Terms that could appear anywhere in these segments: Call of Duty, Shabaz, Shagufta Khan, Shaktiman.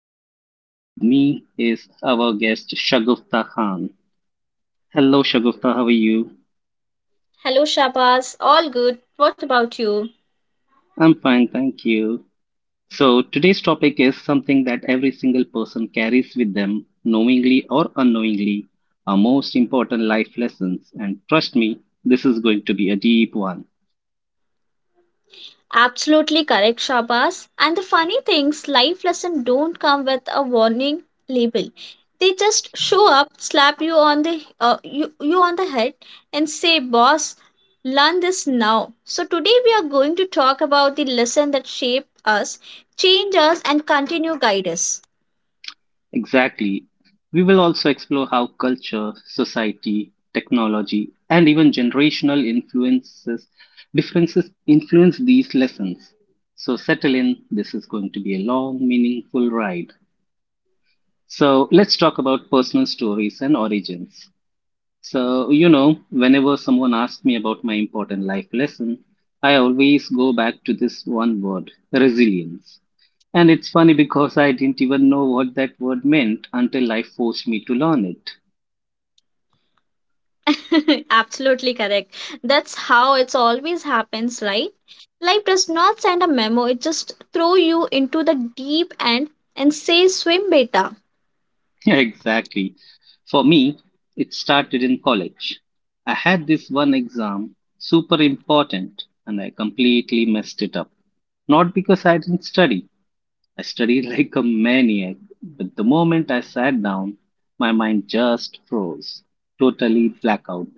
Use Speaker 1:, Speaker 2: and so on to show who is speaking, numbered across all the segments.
Speaker 1: Shabaz, and with me is our guest Shagufta Khan. Hello, Shagufta. How are you?
Speaker 2: Hello, Shabaz. All good. What about you?
Speaker 1: I'm fine, thank you. So, today's topic is something that every single person carries with them, knowingly or unknowingly, our most important life lessons. And trust me, this is going to be a deep one.
Speaker 2: Absolutely correct, Shabaz. And the funny things, life lesson don't come with a warning label. They just show up, slap you on the head, and say, "Boss, learn this now." So today we are going to talk about the lesson that shape us, change us, and continue guide us.
Speaker 1: Exactly. We will also explore how culture, society, technology, and even generational influences differences influence these lessons. So settle in, this is going to be a long, meaningful ride. So let's talk about personal stories and origins. So, you know, whenever someone asks me about my important life lesson, I always go back to this one word, resilience. And it's funny because I didn't even know what that word meant until life forced me to learn it.
Speaker 2: Absolutely correct. That's how it's always happens, right? Life does not send a memo, it just throw you into the deep end and say swim beta.
Speaker 1: Yeah, exactly. For me, it started in college. I had this one exam, super important, and I completely messed it up. Not because I didn't study, I studied like a maniac, but the moment I sat down, my mind just froze. Totally blackout.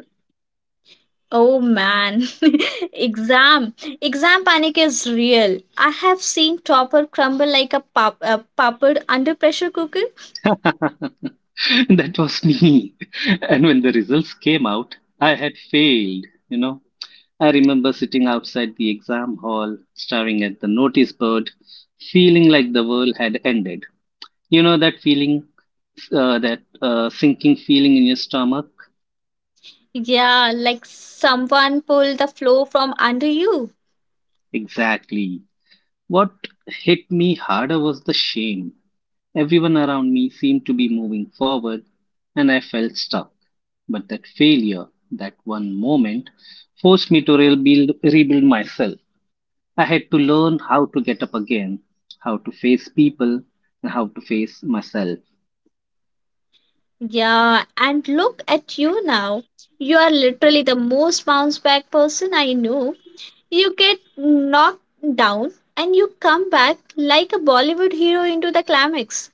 Speaker 2: Oh man. Exam. Exam panic is real. I have seen topper crumble like a puppet under pressure cooker.
Speaker 1: That was me. And when the results came out, I had failed. I remember sitting outside the exam hall, staring at the notice board, feeling like the world had ended. You know that feeling, that sinking feeling in your stomach?
Speaker 2: Yeah, like someone pulled the floor from under you.
Speaker 1: Exactly. What hit me harder was the shame. Everyone around me seemed to be moving forward, and I felt stuck. But that failure, that one moment, forced me to rebuild myself. I had to learn how to get up again, how to face people, and how to face myself.
Speaker 2: Yeah, and look at you now. You are literally the most bounce back person I know. You get knocked down and you come back like a Bollywood hero into the climax.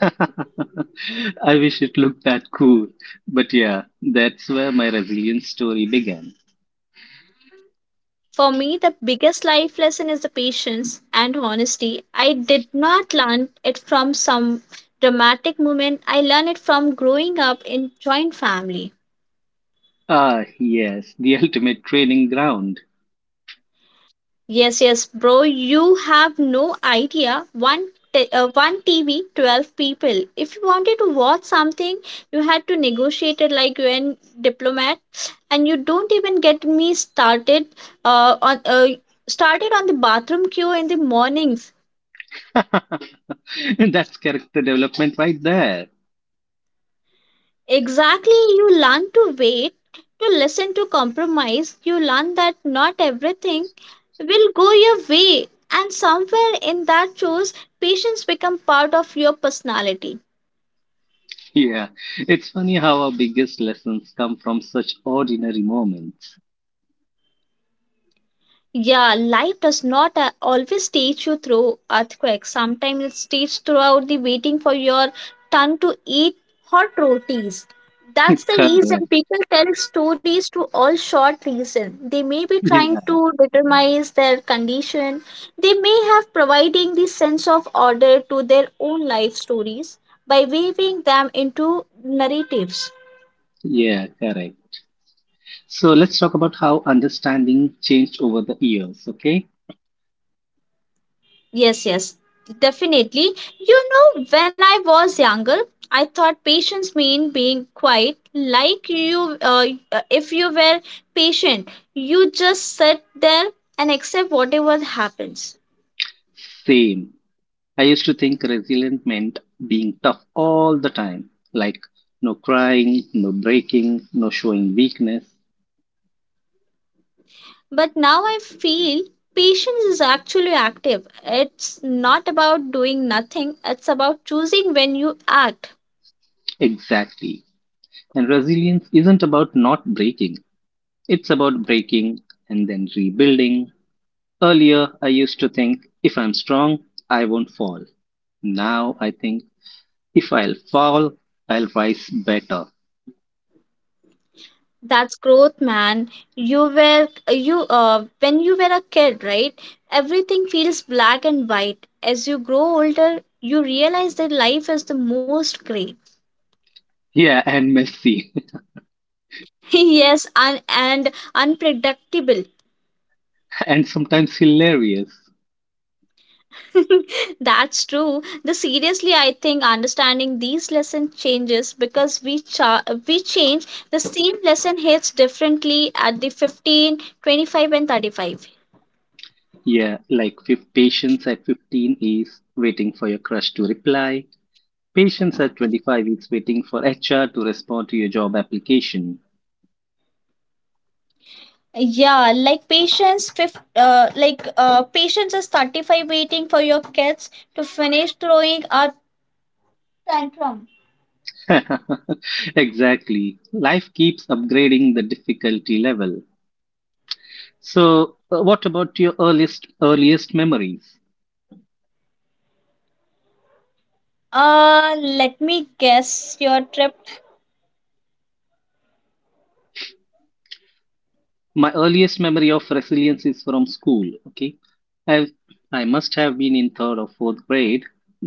Speaker 1: I wish it looked that cool. But yeah, that's where my resilience story began.
Speaker 2: For me, the biggest life lesson is the patience and honesty. I did not learn it from some dramatic moment. I learned it from growing up in joint family.
Speaker 1: Ah, yes, the ultimate training ground.
Speaker 2: Yes, yes, bro. You have no idea. One TV, 12 people. If you wanted to watch something, you had to negotiate it like UN diplomat, and you don't even get me started. On started on the bathroom queue in the mornings.
Speaker 1: That's character development right there.
Speaker 2: Exactly, you learn to wait, to listen, to compromise. You learn that not everything will go your way, and somewhere in that choice, patience become part of your personality.
Speaker 1: Yeah, it's funny how our biggest lessons come from such ordinary moments.
Speaker 2: Yeah, life does not always teach you through earthquakes. Sometimes it's teach throughout the waiting for your turn to eat hot rotis. That's the
Speaker 1: Correct.
Speaker 2: reason people tell stories to all short reason. They may be trying
Speaker 1: Yeah,
Speaker 2: to determine their condition. They may have providing the sense of order to their own life stories by weaving them into narratives.
Speaker 1: yeah, correct. So let's talk about how understanding changed over the years, okay?
Speaker 2: Yes, yes, definitely. You know, when I was younger, I thought patience mean being quiet. Like if you were patient, you just sit there and accept whatever happens.
Speaker 1: Same. I used to think resilient meant being tough all the time, like no crying, no breaking, no showing weakness.
Speaker 2: But now I feel patience is actually active. It's not about doing nothing. It's about choosing when you act.
Speaker 1: Exactly. And resilience isn't about not breaking, it's about breaking and then rebuilding. Earlier, I used to think if I'm strong, I won't fall. Now I think if I'll fall, I'll rise better.
Speaker 2: That's growth, man. You were you when you were a kid, right? Everything feels black and white. As you grow older, you realize that life is the most gray.
Speaker 1: Yeah, and messy.
Speaker 2: Yes, and unpredictable.
Speaker 1: And sometimes hilarious.
Speaker 2: That's true. The seriously, I think understanding these lessons changes because we change. The same lesson hits differently at the 15, 25, and 35.
Speaker 1: Yeah, like patience at 15 is waiting for your crush to reply. Patience at 25 is waiting for HR to respond to your job application.
Speaker 2: Yeah, like patience is 35, waiting for your kids to finish throwing a tantrum.
Speaker 1: Exactly. Life keeps upgrading the difficulty level. So, what about your earliest memories?
Speaker 2: Let me guess your trip.
Speaker 1: My earliest memory of resilience is from school. Okay, i I must have been in third or fourth grade.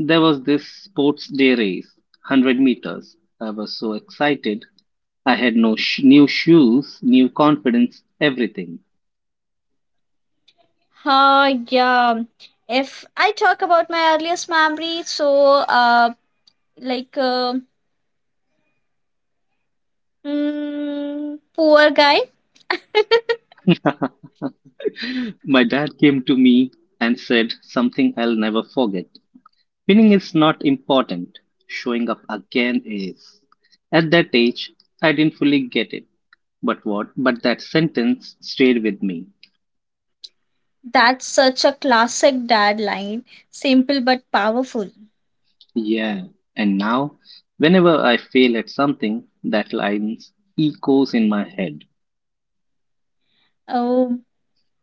Speaker 1: There was this sports day race, 100 meters. I was so excited. I had no new shoes, new confidence, everything.
Speaker 2: Yeah, if I talk about my earliest memory, so like uh, poor guy.
Speaker 1: My dad came to me and said something I'll never forget. Winning is not important, showing up again is. At that age, I didn't fully get it, but that sentence stayed with me.
Speaker 2: That's such a classic dad line, simple but powerful.
Speaker 1: Yeah, and now whenever I fail at something, that line echoes in my head.
Speaker 2: Oh,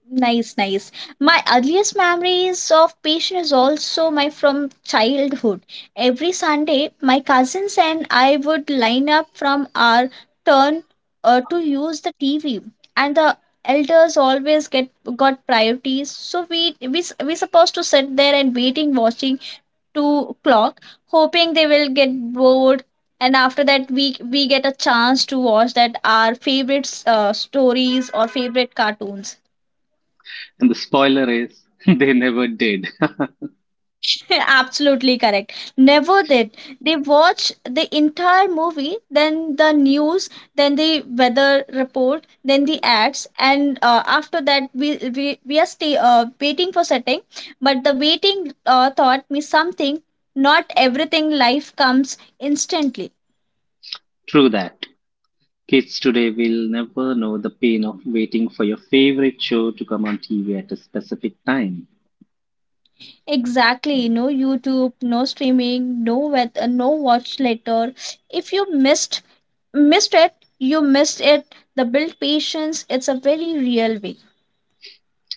Speaker 2: nice, nice. My earliest memories of patient is also my from childhood. Every Sunday, my cousins and I would line up from our turn to use the TV, and the elders always get got priorities. So we supposed to sit there and waiting, watching two clock, hoping they will get bored. And after that, we get a chance to watch that our favorite stories or favorite cartoons.
Speaker 1: And the spoiler is, they never did.
Speaker 2: Absolutely correct. Never did. They watch the entire movie, then the news, then the weather report, then the ads, and after that we are stay waiting for setting. But the waiting taught me something. Not everything life comes instantly.
Speaker 1: True that. Kids today will never know the pain of waiting for your favorite show to come on TV at a specific time.
Speaker 2: Exactly. No YouTube, no streaming, no weather, no watch later. If you missed it, you missed it. The build patience. It's a very real way.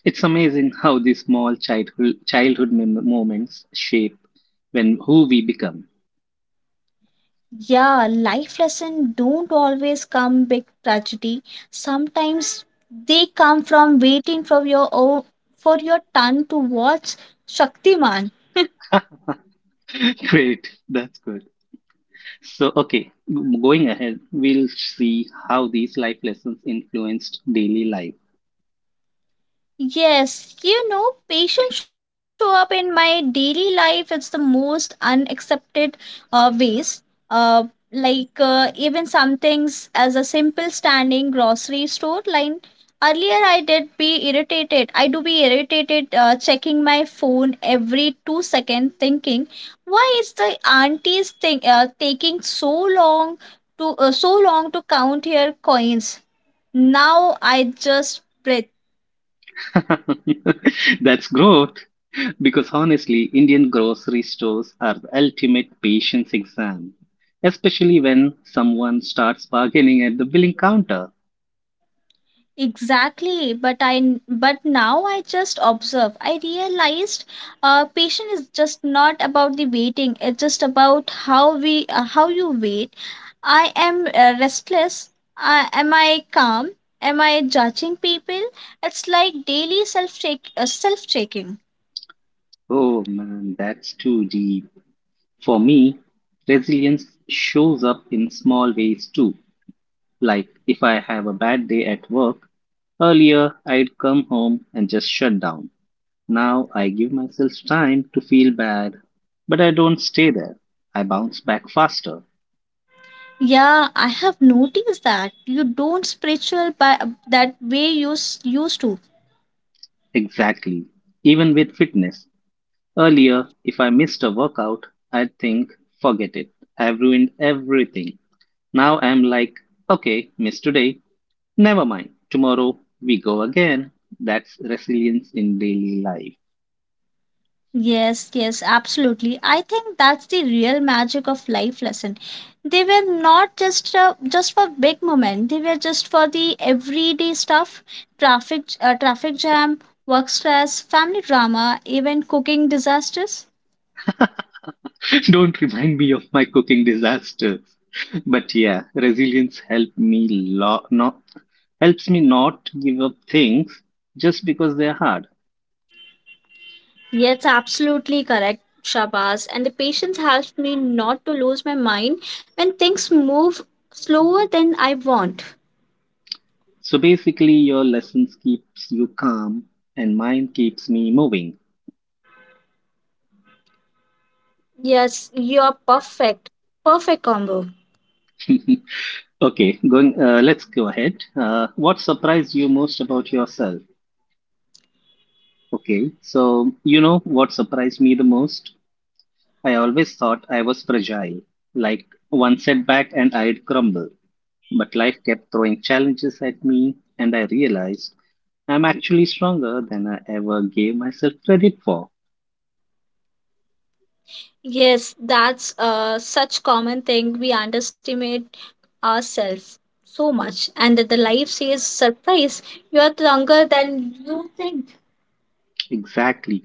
Speaker 1: It's amazing how these small childhood moments shape when who we become.
Speaker 2: Yeah, life lessons don't always come big tragedy. Sometimes they come from waiting for for your turn to watch Shaktiman.
Speaker 1: Great, that's good. So, okay, going ahead, we'll see how these life lessons influenced daily life.
Speaker 2: Yes, you know, patients show up in my daily life. It's the most unaccepted ways. Uh, like even some things as a simple standing grocery store line. Earlier, I did be irritated. I do be irritated checking my phone every 2 seconds, thinking, why is the aunties thing taking so long to count her coins? Now I just breathe.
Speaker 1: That's growth, because honestly, Indian grocery stores are the ultimate patience exam, especially when someone starts bargaining at the billing counter.
Speaker 2: Exactly, but but now I just observe. I realized patience is just not about the waiting. It's just about how you wait. I am restless. I am I calm? Am I judging people? It's like daily self checking.
Speaker 1: Oh man, that's too deep. For me, resilience shows up in small ways too. Like if I have a bad day at work, earlier I'd come home and just shut down. Now I give myself time to feel bad, but I don't stay there. I bounce back faster.
Speaker 2: Yeah, I have noticed that you don't spiritual by that way you used to.
Speaker 1: Exactly. Even with fitness. Earlier, if I missed a workout, I'd think, forget it. I've ruined everything. Now I'm like, okay, missed today. Never mind, tomorrow we go again. That's resilience in daily life.
Speaker 2: Yes, yes, absolutely. I think that's the real magic of life lesson. They were not just for big moment. They were just for the everyday stuff, traffic jam, work stress, family drama, even cooking disasters.
Speaker 1: Don't remind me of my cooking disasters. But yeah, resilience helped me lo- not helps me not give up things just because they are hard.
Speaker 2: Yes, absolutely correct, Shabaz. And the patience helps me not to lose my mind when things move slower than I want.
Speaker 1: So basically, your lessons keeps you calm, and mine keeps me moving.
Speaker 2: Yes, you're perfect. Perfect combo.
Speaker 1: Okay, going. Let's go ahead. What surprised you most about yourself? Okay, so you know what surprised me the most? I always thought I was fragile, like one setback and I'd crumble. But life kept throwing challenges at me, and I realized I'm actually stronger than I ever gave myself credit for.
Speaker 2: Yes, that's such common thing. We underestimate ourselves so much, and that the life says, "Surprise! You are younger than you think."
Speaker 1: Exactly.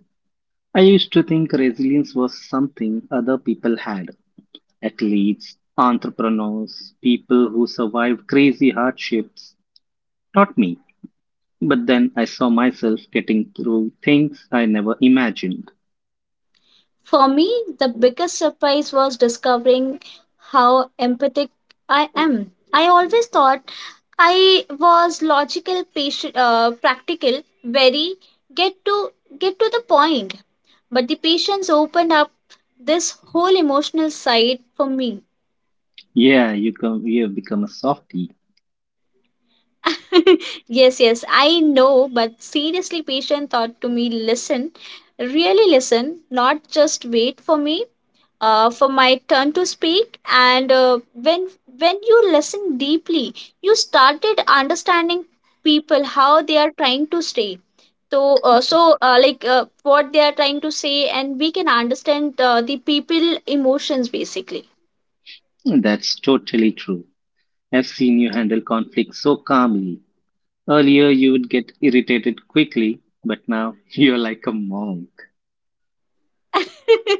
Speaker 1: I used to think resilience was something other people had, athletes, entrepreneurs, people who survived crazy hardships, not me. But then I saw myself getting through things I never imagined.
Speaker 2: For me, the biggest surprise was discovering how empathic I am. I always thought I was logical, patient, practical, very get to get to the point. But the patience opened up this whole emotional side for me.
Speaker 1: Yeah, you have become a softie.
Speaker 2: Yes, yes, I know, but seriously, patient thought to me, listen, really listen, not just wait for me. For my turn to speak, and when you listen deeply, you started understanding people how they are trying to stay, what they are trying to say, and we can understand the people emotions basically.
Speaker 1: That's totally true. I've seen you handle conflict so calmly. Earlier, you would get irritated quickly, but now you're like a monk.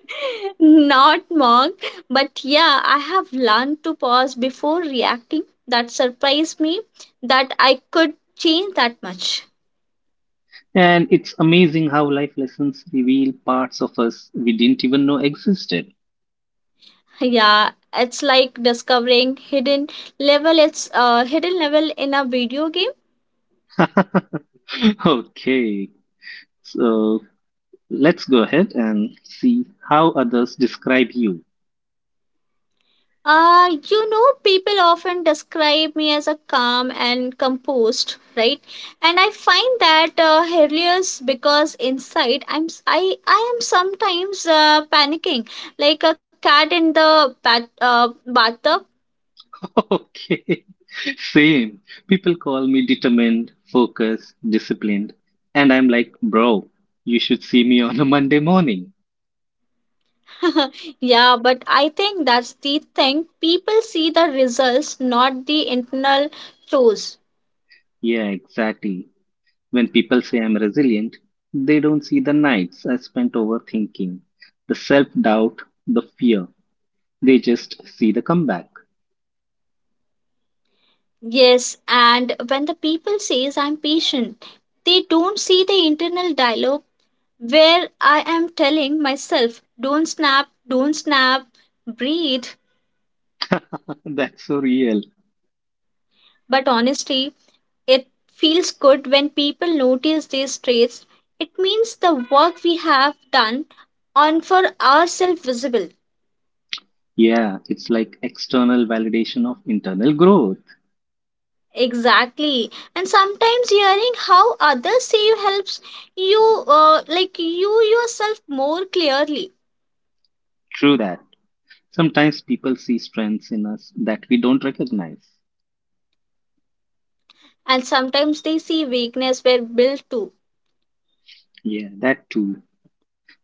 Speaker 2: Not mocked, but yeah, I have learned to pause before reacting. That surprised me that I could change that much.
Speaker 1: And it's amazing how life lessons reveal parts of us we didn't even know existed.
Speaker 2: Yeah, it's like discovering hidden level in a video game.
Speaker 1: Okay, so let's go ahead and see how others describe you.
Speaker 2: You know, people often describe me as a calm and composed, right? And I find that hilarious because inside I'm s- I am sometimes panicking like a cat in the bathtub.
Speaker 1: Okay, same. People call me determined, focused, disciplined, and I'm like, bro, you should see me on a Monday morning.
Speaker 2: Yeah, but I think that's the thing. People see the results, not the internal chores.
Speaker 1: Yeah, exactly. When people say I'm resilient, they don't see the nights I spent overthinking, the self-doubt, the fear. They just see the comeback.
Speaker 2: Yes, and when the people says I'm patient, they don't see the internal dialogue where I am telling myself, don't snap, breathe.
Speaker 1: That's so real.
Speaker 2: But honestly, it feels good when people notice these traits. It means the work we have done on for ourselves visible.
Speaker 1: Yeah, it's like external validation of internal growth.
Speaker 2: Exactly. And sometimes hearing how others see you helps you like you yourself more clearly.
Speaker 1: True that. Sometimes people see strengths in us that we don't recognize.
Speaker 2: And sometimes they see weakness where built to.
Speaker 1: Yeah, that too.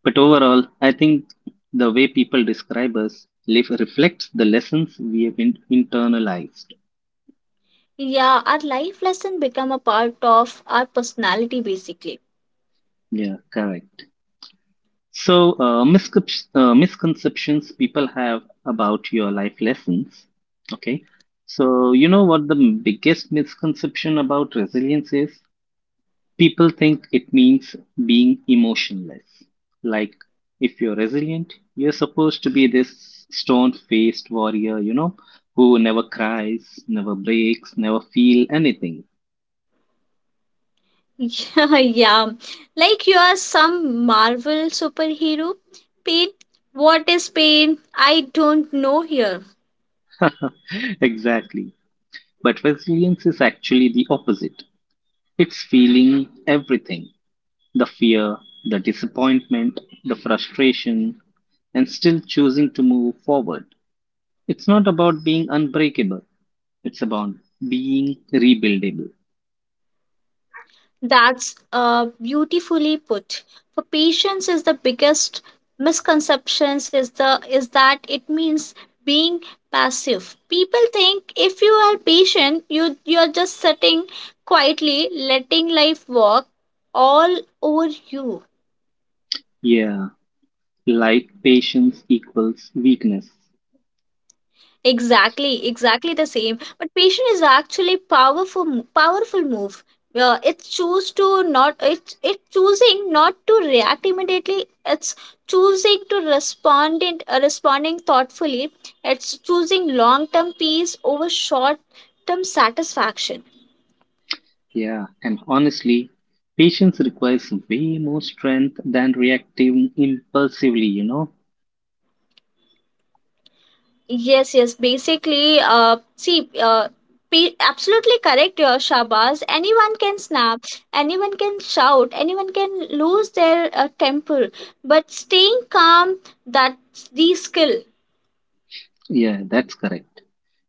Speaker 1: But overall, I think the way people describe us live reflects the lessons we have internalized.
Speaker 2: Yeah, our life lesson become a part of our personality basically.
Speaker 1: Yeah, correct. So, misconceptions people have about your life lessons. Okay. So, you know what the biggest misconception about resilience is? People think it means being emotionless. Like, if you're resilient, you're supposed to be this stone faced warrior, you know, who never cries, never breaks, never feel anything.
Speaker 2: Yeah, yeah. Like you are some Marvel superhero. Pain. What is pain? I don't know here.
Speaker 1: Exactly. But resilience is actually the opposite. It's feeling everything, the fear, the disappointment, the frustration, and still choosing to move forward. It's not about being unbreakable. It's about being rebuildable.
Speaker 2: That's beautifully put. For patience is the biggest misconceptions is that it means being passive. People think if you are patient, you're just sitting quietly, letting life work all over you.
Speaker 1: Yeah, like patience equals weakness.
Speaker 2: Exactly, exactly the same. But patience is actually powerful move. It choose to not. It's it choosing not to react immediately. It's choosing to responding thoughtfully. It's choosing long term peace over short term satisfaction.
Speaker 1: Yeah, and honestly, patience requires way more strength than reacting impulsively, you know?
Speaker 2: Yes, yes. Basically, see, absolutely correct, Shabaz. Anyone can snap, anyone can shout, anyone can lose their temper, but staying calm, that's the skill.
Speaker 1: Yeah, that's correct.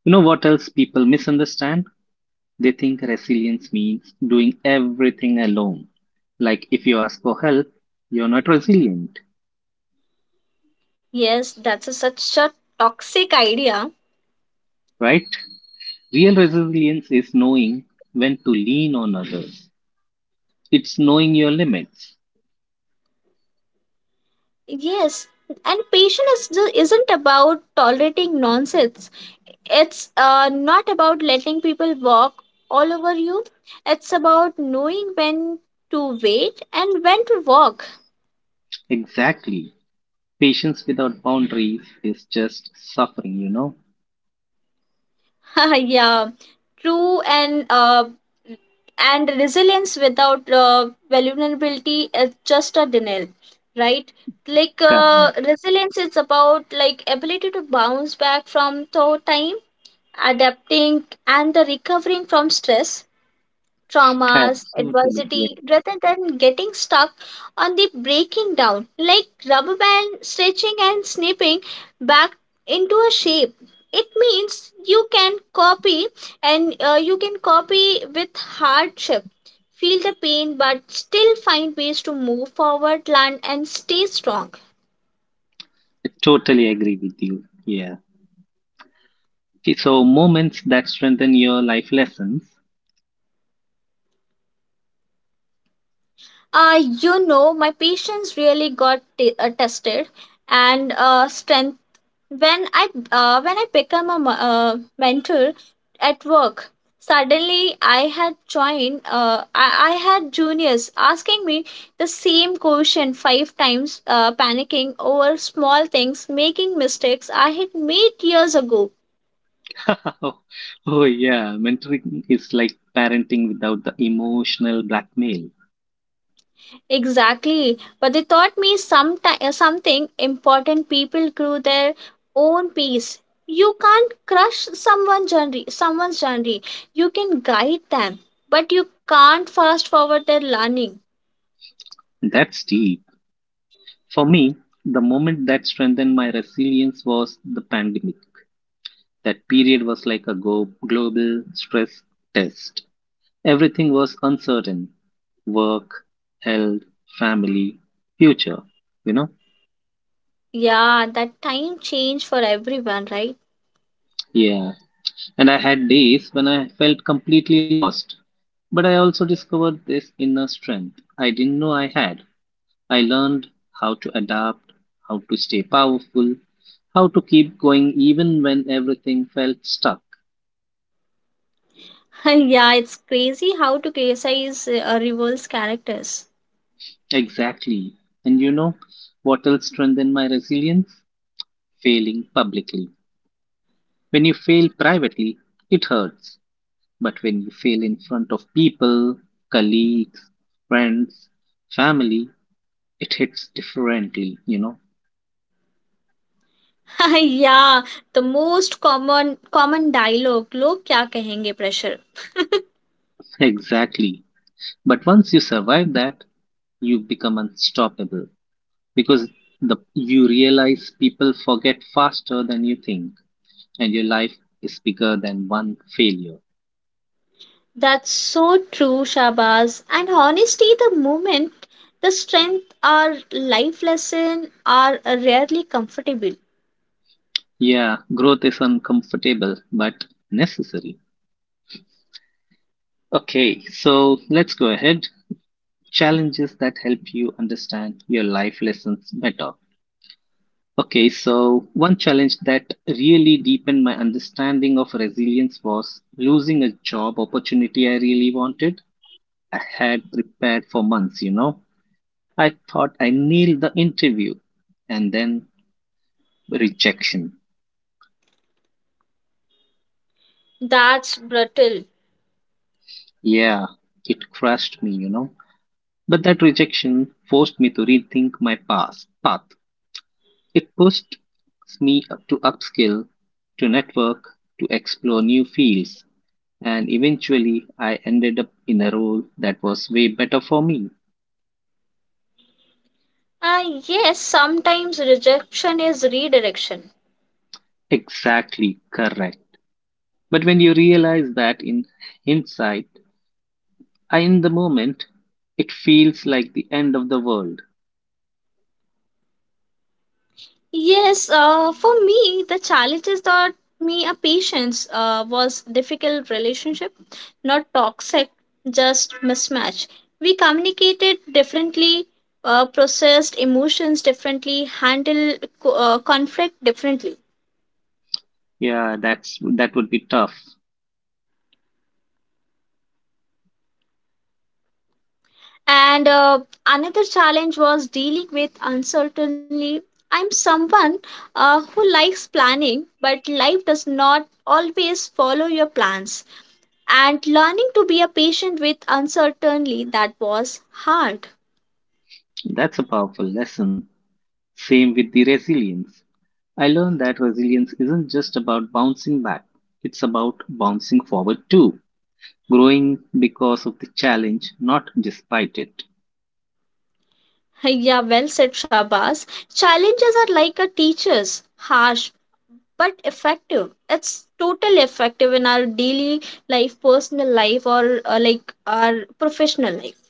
Speaker 1: You know what else people misunderstand? They think resilience means doing everything alone. Like if you ask for help, you're not resilient,
Speaker 2: Yes, that's such a toxic idea.
Speaker 1: right? Real resilience is knowing when to lean on others. It's knowing your limits.
Speaker 2: Yes, and patience isn't about tolerating nonsense. It's not about letting people walk all over you. It's about knowing when to wait and when to walk.
Speaker 1: Exactly. Patience without boundaries is just suffering, you know?
Speaker 2: Yeah, true, and and resilience without vulnerability is just a denial, right, like
Speaker 1: Correct.
Speaker 2: resilience is about, like, ability to bounce back from tough time, adapting and the recovering from stress,
Speaker 1: I
Speaker 2: traumas,
Speaker 1: totally, yeah,
Speaker 2: adversity, rather than getting stuck on the breaking down, like rubber band stretching and snipping back into a shape. It means you can copy, with hardship, feel the pain, but still find ways to move forward, learn, and stay strong.
Speaker 1: I totally agree with you. Yeah. Okay, so moments that strengthen your life lessons.
Speaker 2: You know, my patience really got tested and strength. When I become a mentor at work. Suddenly, I had juniors asking me the same question five times, panicking over small things, making mistakes I had made years ago.
Speaker 1: Oh, yeah. Mentoring is like parenting without the emotional blackmail.
Speaker 2: Exactly. But they taught me something important. People grew their own pace. You can't crush someone's journey. You can guide them, but you can't fast forward their learning.
Speaker 1: That's deep. For me, the moment that strengthened my resilience was the pandemic. That period was like a go global stress test. Everything was uncertain. Work, health, family, future, you know?
Speaker 2: Yeah, that time changed for everyone, right?
Speaker 1: Yeah. And I had days when I felt completely lost. But I also discovered this inner strength I didn't know I had. I learned how to adapt, how to stay powerful, how to keep going even when everything felt stuck.
Speaker 2: Yeah, it's crazy how to criticize reverse characters.
Speaker 1: Exactly. And you know what else strengthened my resilience? Failing publicly. When you fail privately, it hurts. But when you fail in front of people, colleagues, friends, family, it hits differently, you know?
Speaker 2: Yeah, the most common dialogue. Log kya kahenge pressure.
Speaker 1: Exactly. But once you survive that, you become unstoppable because you realize people forget faster than you think, and your life is bigger than one failure.
Speaker 2: That's so true, Shabaz. And honestly, the moment, the strength, our life lesson are rarely comfortable.
Speaker 1: Yeah, growth is uncomfortable but necessary. Okay, so let's go ahead. Challenges that help you understand your life lessons better. Okay, so one challenge that really deepened my understanding of resilience was losing a job opportunity I really wanted. I had prepared for months, you know. I thought I nailed the interview and then rejection.
Speaker 2: That's brutal.
Speaker 1: Yeah, it crushed me, you know. But that rejection forced me to rethink my past path. It pushed me up to upskill, to network, to explore new fields, and eventually I ended up in a role that was way better for me.
Speaker 2: Ah, yes, sometimes rejection is redirection.
Speaker 1: Exactly correct. But when you realize that in hindsight, I in the moment, it feels like the end of the world.
Speaker 2: Yes, for me, the challenges taught me a patience was difficult relationship, not toxic, just mismatch. We communicated differently, processed emotions differently, handled conflict differently.
Speaker 1: Yeah, that's, that would be tough.
Speaker 2: And another challenge was dealing with uncertainty. I'm someone who likes planning, but life does not always follow your plans, and learning to be a patient with uncertainty, that was hard.
Speaker 1: That's a powerful lesson. Same with the resilience. I learned that resilience isn't just about bouncing back. It's about bouncing forward too, growing because of the challenge, not despite it,
Speaker 2: Yeah, well said, Shabas. Challenges are like a teacher's, harsh but effective. It's totally effective in our daily life, personal life, or like our professional life.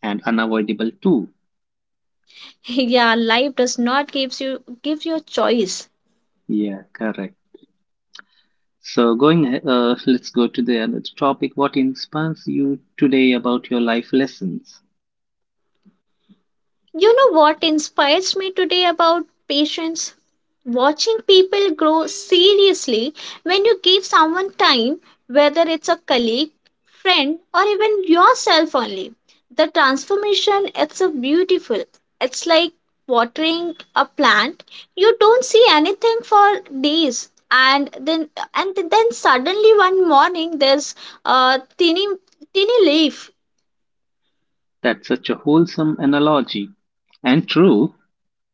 Speaker 1: and unavoidable too.
Speaker 2: Yeah, life does not give you a choice.
Speaker 1: Yeah, correct. So let's go to the other topic. What inspires you today about your life lessons?
Speaker 2: You know what inspires me today about patience? Watching people grow seriously when you give someone time, whether it's a colleague, friend, or even yourself only. The transformation, it's a beautiful. It's like watering a plant. You don't see anything for days, and then suddenly one morning there's a tiny tiny leaf.
Speaker 1: That's such a wholesome analogy. And true,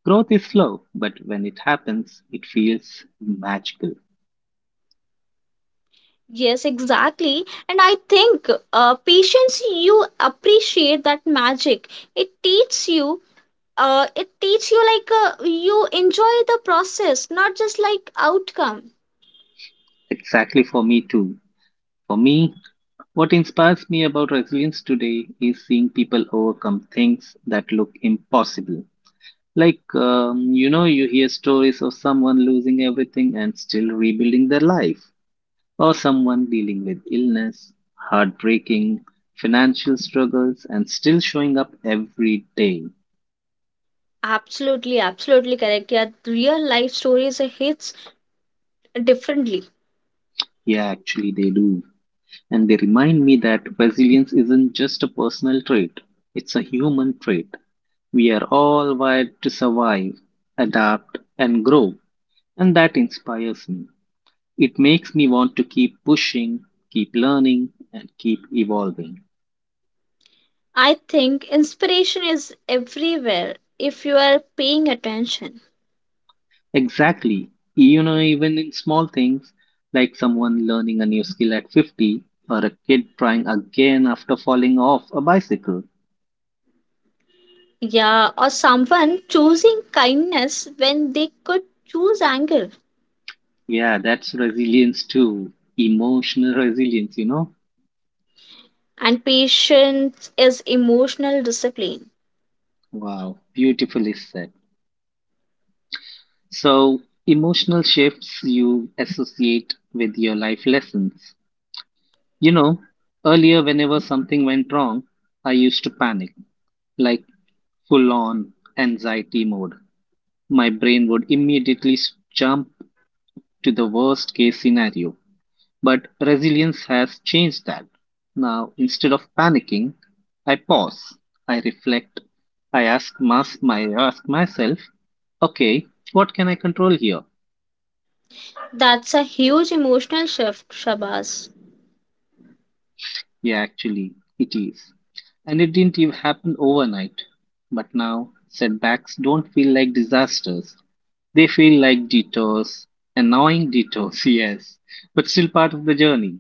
Speaker 1: growth is slow, but when it happens, it feels magical.
Speaker 2: Yes, exactly. And I think patience, you appreciate that magic. It teaches you, uh, it teaches you, like, you enjoy the process, not just like outcome.
Speaker 1: Exactly, for me too. For me, what inspires me about resilience today is seeing people overcome things that look impossible. Like, you know, you hear stories of someone losing everything and still rebuilding their life, or someone dealing with illness, heartbreaking, financial struggles, and still showing up every day.
Speaker 2: Absolutely, absolutely correct. Yeah, real life stories hits differently.
Speaker 1: Yeah, actually, they do. And they remind me that resilience isn't just a personal trait, it's a human trait. We are all wired to survive, adapt, and grow, and that inspires me. It makes me want to keep pushing, keep learning, and keep evolving.
Speaker 2: I think inspiration is everywhere if you are paying attention.
Speaker 1: Exactly. You know, even in small things like someone learning a new skill at 50, or a kid trying again after falling off a bicycle.
Speaker 2: Yeah, or someone choosing kindness when they could choose anger.
Speaker 1: Yeah, that's resilience too. Emotional resilience, you know?
Speaker 2: And patience is emotional discipline.
Speaker 1: Wow, beautifully said. So, emotional shifts you associate with your life lessons. You know, earlier, whenever something went wrong, I used to panic, like full on anxiety mode. My brain would immediately jump to the worst case scenario. But resilience has changed that. Now, instead of panicking, I pause, I reflect, I ask myself, okay, what can I control here?
Speaker 2: That's a huge emotional shift, Shabazz.
Speaker 1: Yeah, actually, it is. And it didn't even happen overnight. But now, setbacks don't feel like disasters. They feel like detours, annoying detours, yes, but still part of the journey.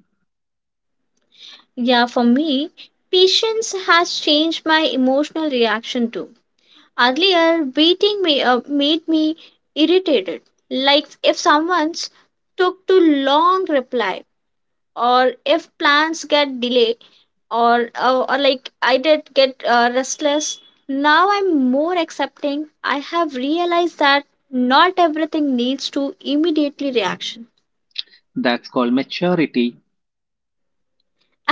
Speaker 2: Yeah, for me, patience has changed my emotional reaction too. Earlier, waiting made me irritated. Like if someone's took too long reply, or if plans get delayed, or like I did get restless. Now I'm more accepting. I have realized that not everything needs to immediately reaction.
Speaker 1: That's called maturity.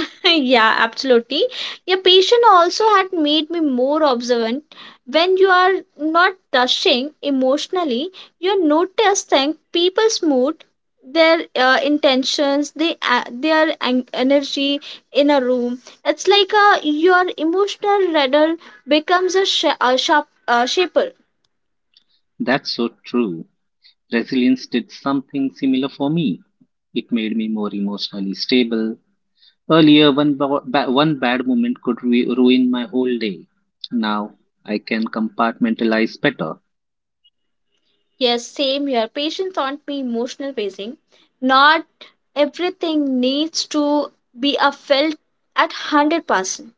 Speaker 2: Yeah, absolutely. Your patient also had made me more observant. When you are not rushing emotionally, you notice things, people's mood, their intentions, their energy in a room. It's like your emotional radar becomes a sharp shaper.
Speaker 1: That's so true. Resilience did something similar for me. It made me more emotionally stable. Earlier, one bad moment could ruin my whole day. Now, I can compartmentalize better.
Speaker 2: Yes, same here. Patients aren't me emotional pacing. Not everything needs to be a felt at 100%.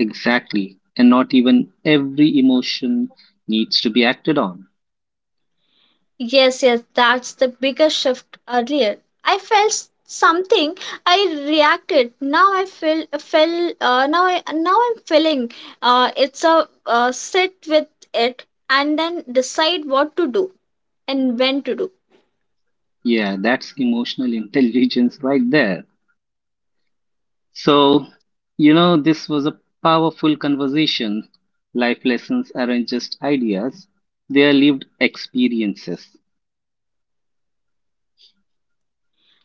Speaker 1: Exactly. And not even every emotion needs to be acted on.
Speaker 2: Yes, yes, that's the biggest shift earlier. I felt something. I reacted. Now I feel feel now I now I'm feeling it's a sit with it, and then decide what to do and when to do.
Speaker 1: Yeah, that's emotional intelligence right there. So, you know, this was a powerful conversation. Life lessons aren't just ideas, they are lived experiences.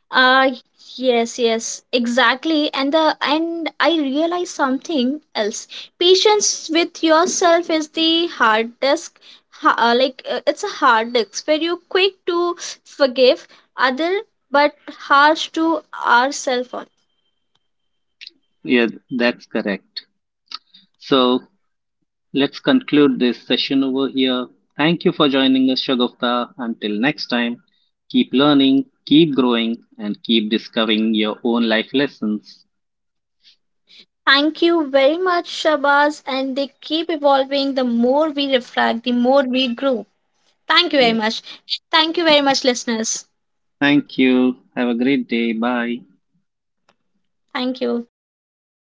Speaker 2: Uh yes, yes, exactly. And the and I realized something else. Patience with yourself is the hard disk. It's a hard disk where you quick to forgive other, but harsh to ourselves on.
Speaker 1: Yeah, that's correct. So, let's conclude this session over here. Thank you for joining us, Shagufta. Until next time, keep learning, keep growing, and keep discovering your own life lessons.
Speaker 2: Thank you very much, Shabaz. And they keep evolving. The more we reflect, the more we grow. Thank you very
Speaker 1: Yeah.
Speaker 2: much. Thank you very much, listeners.
Speaker 1: Thank you. Have a great day. Bye.
Speaker 2: Thank you.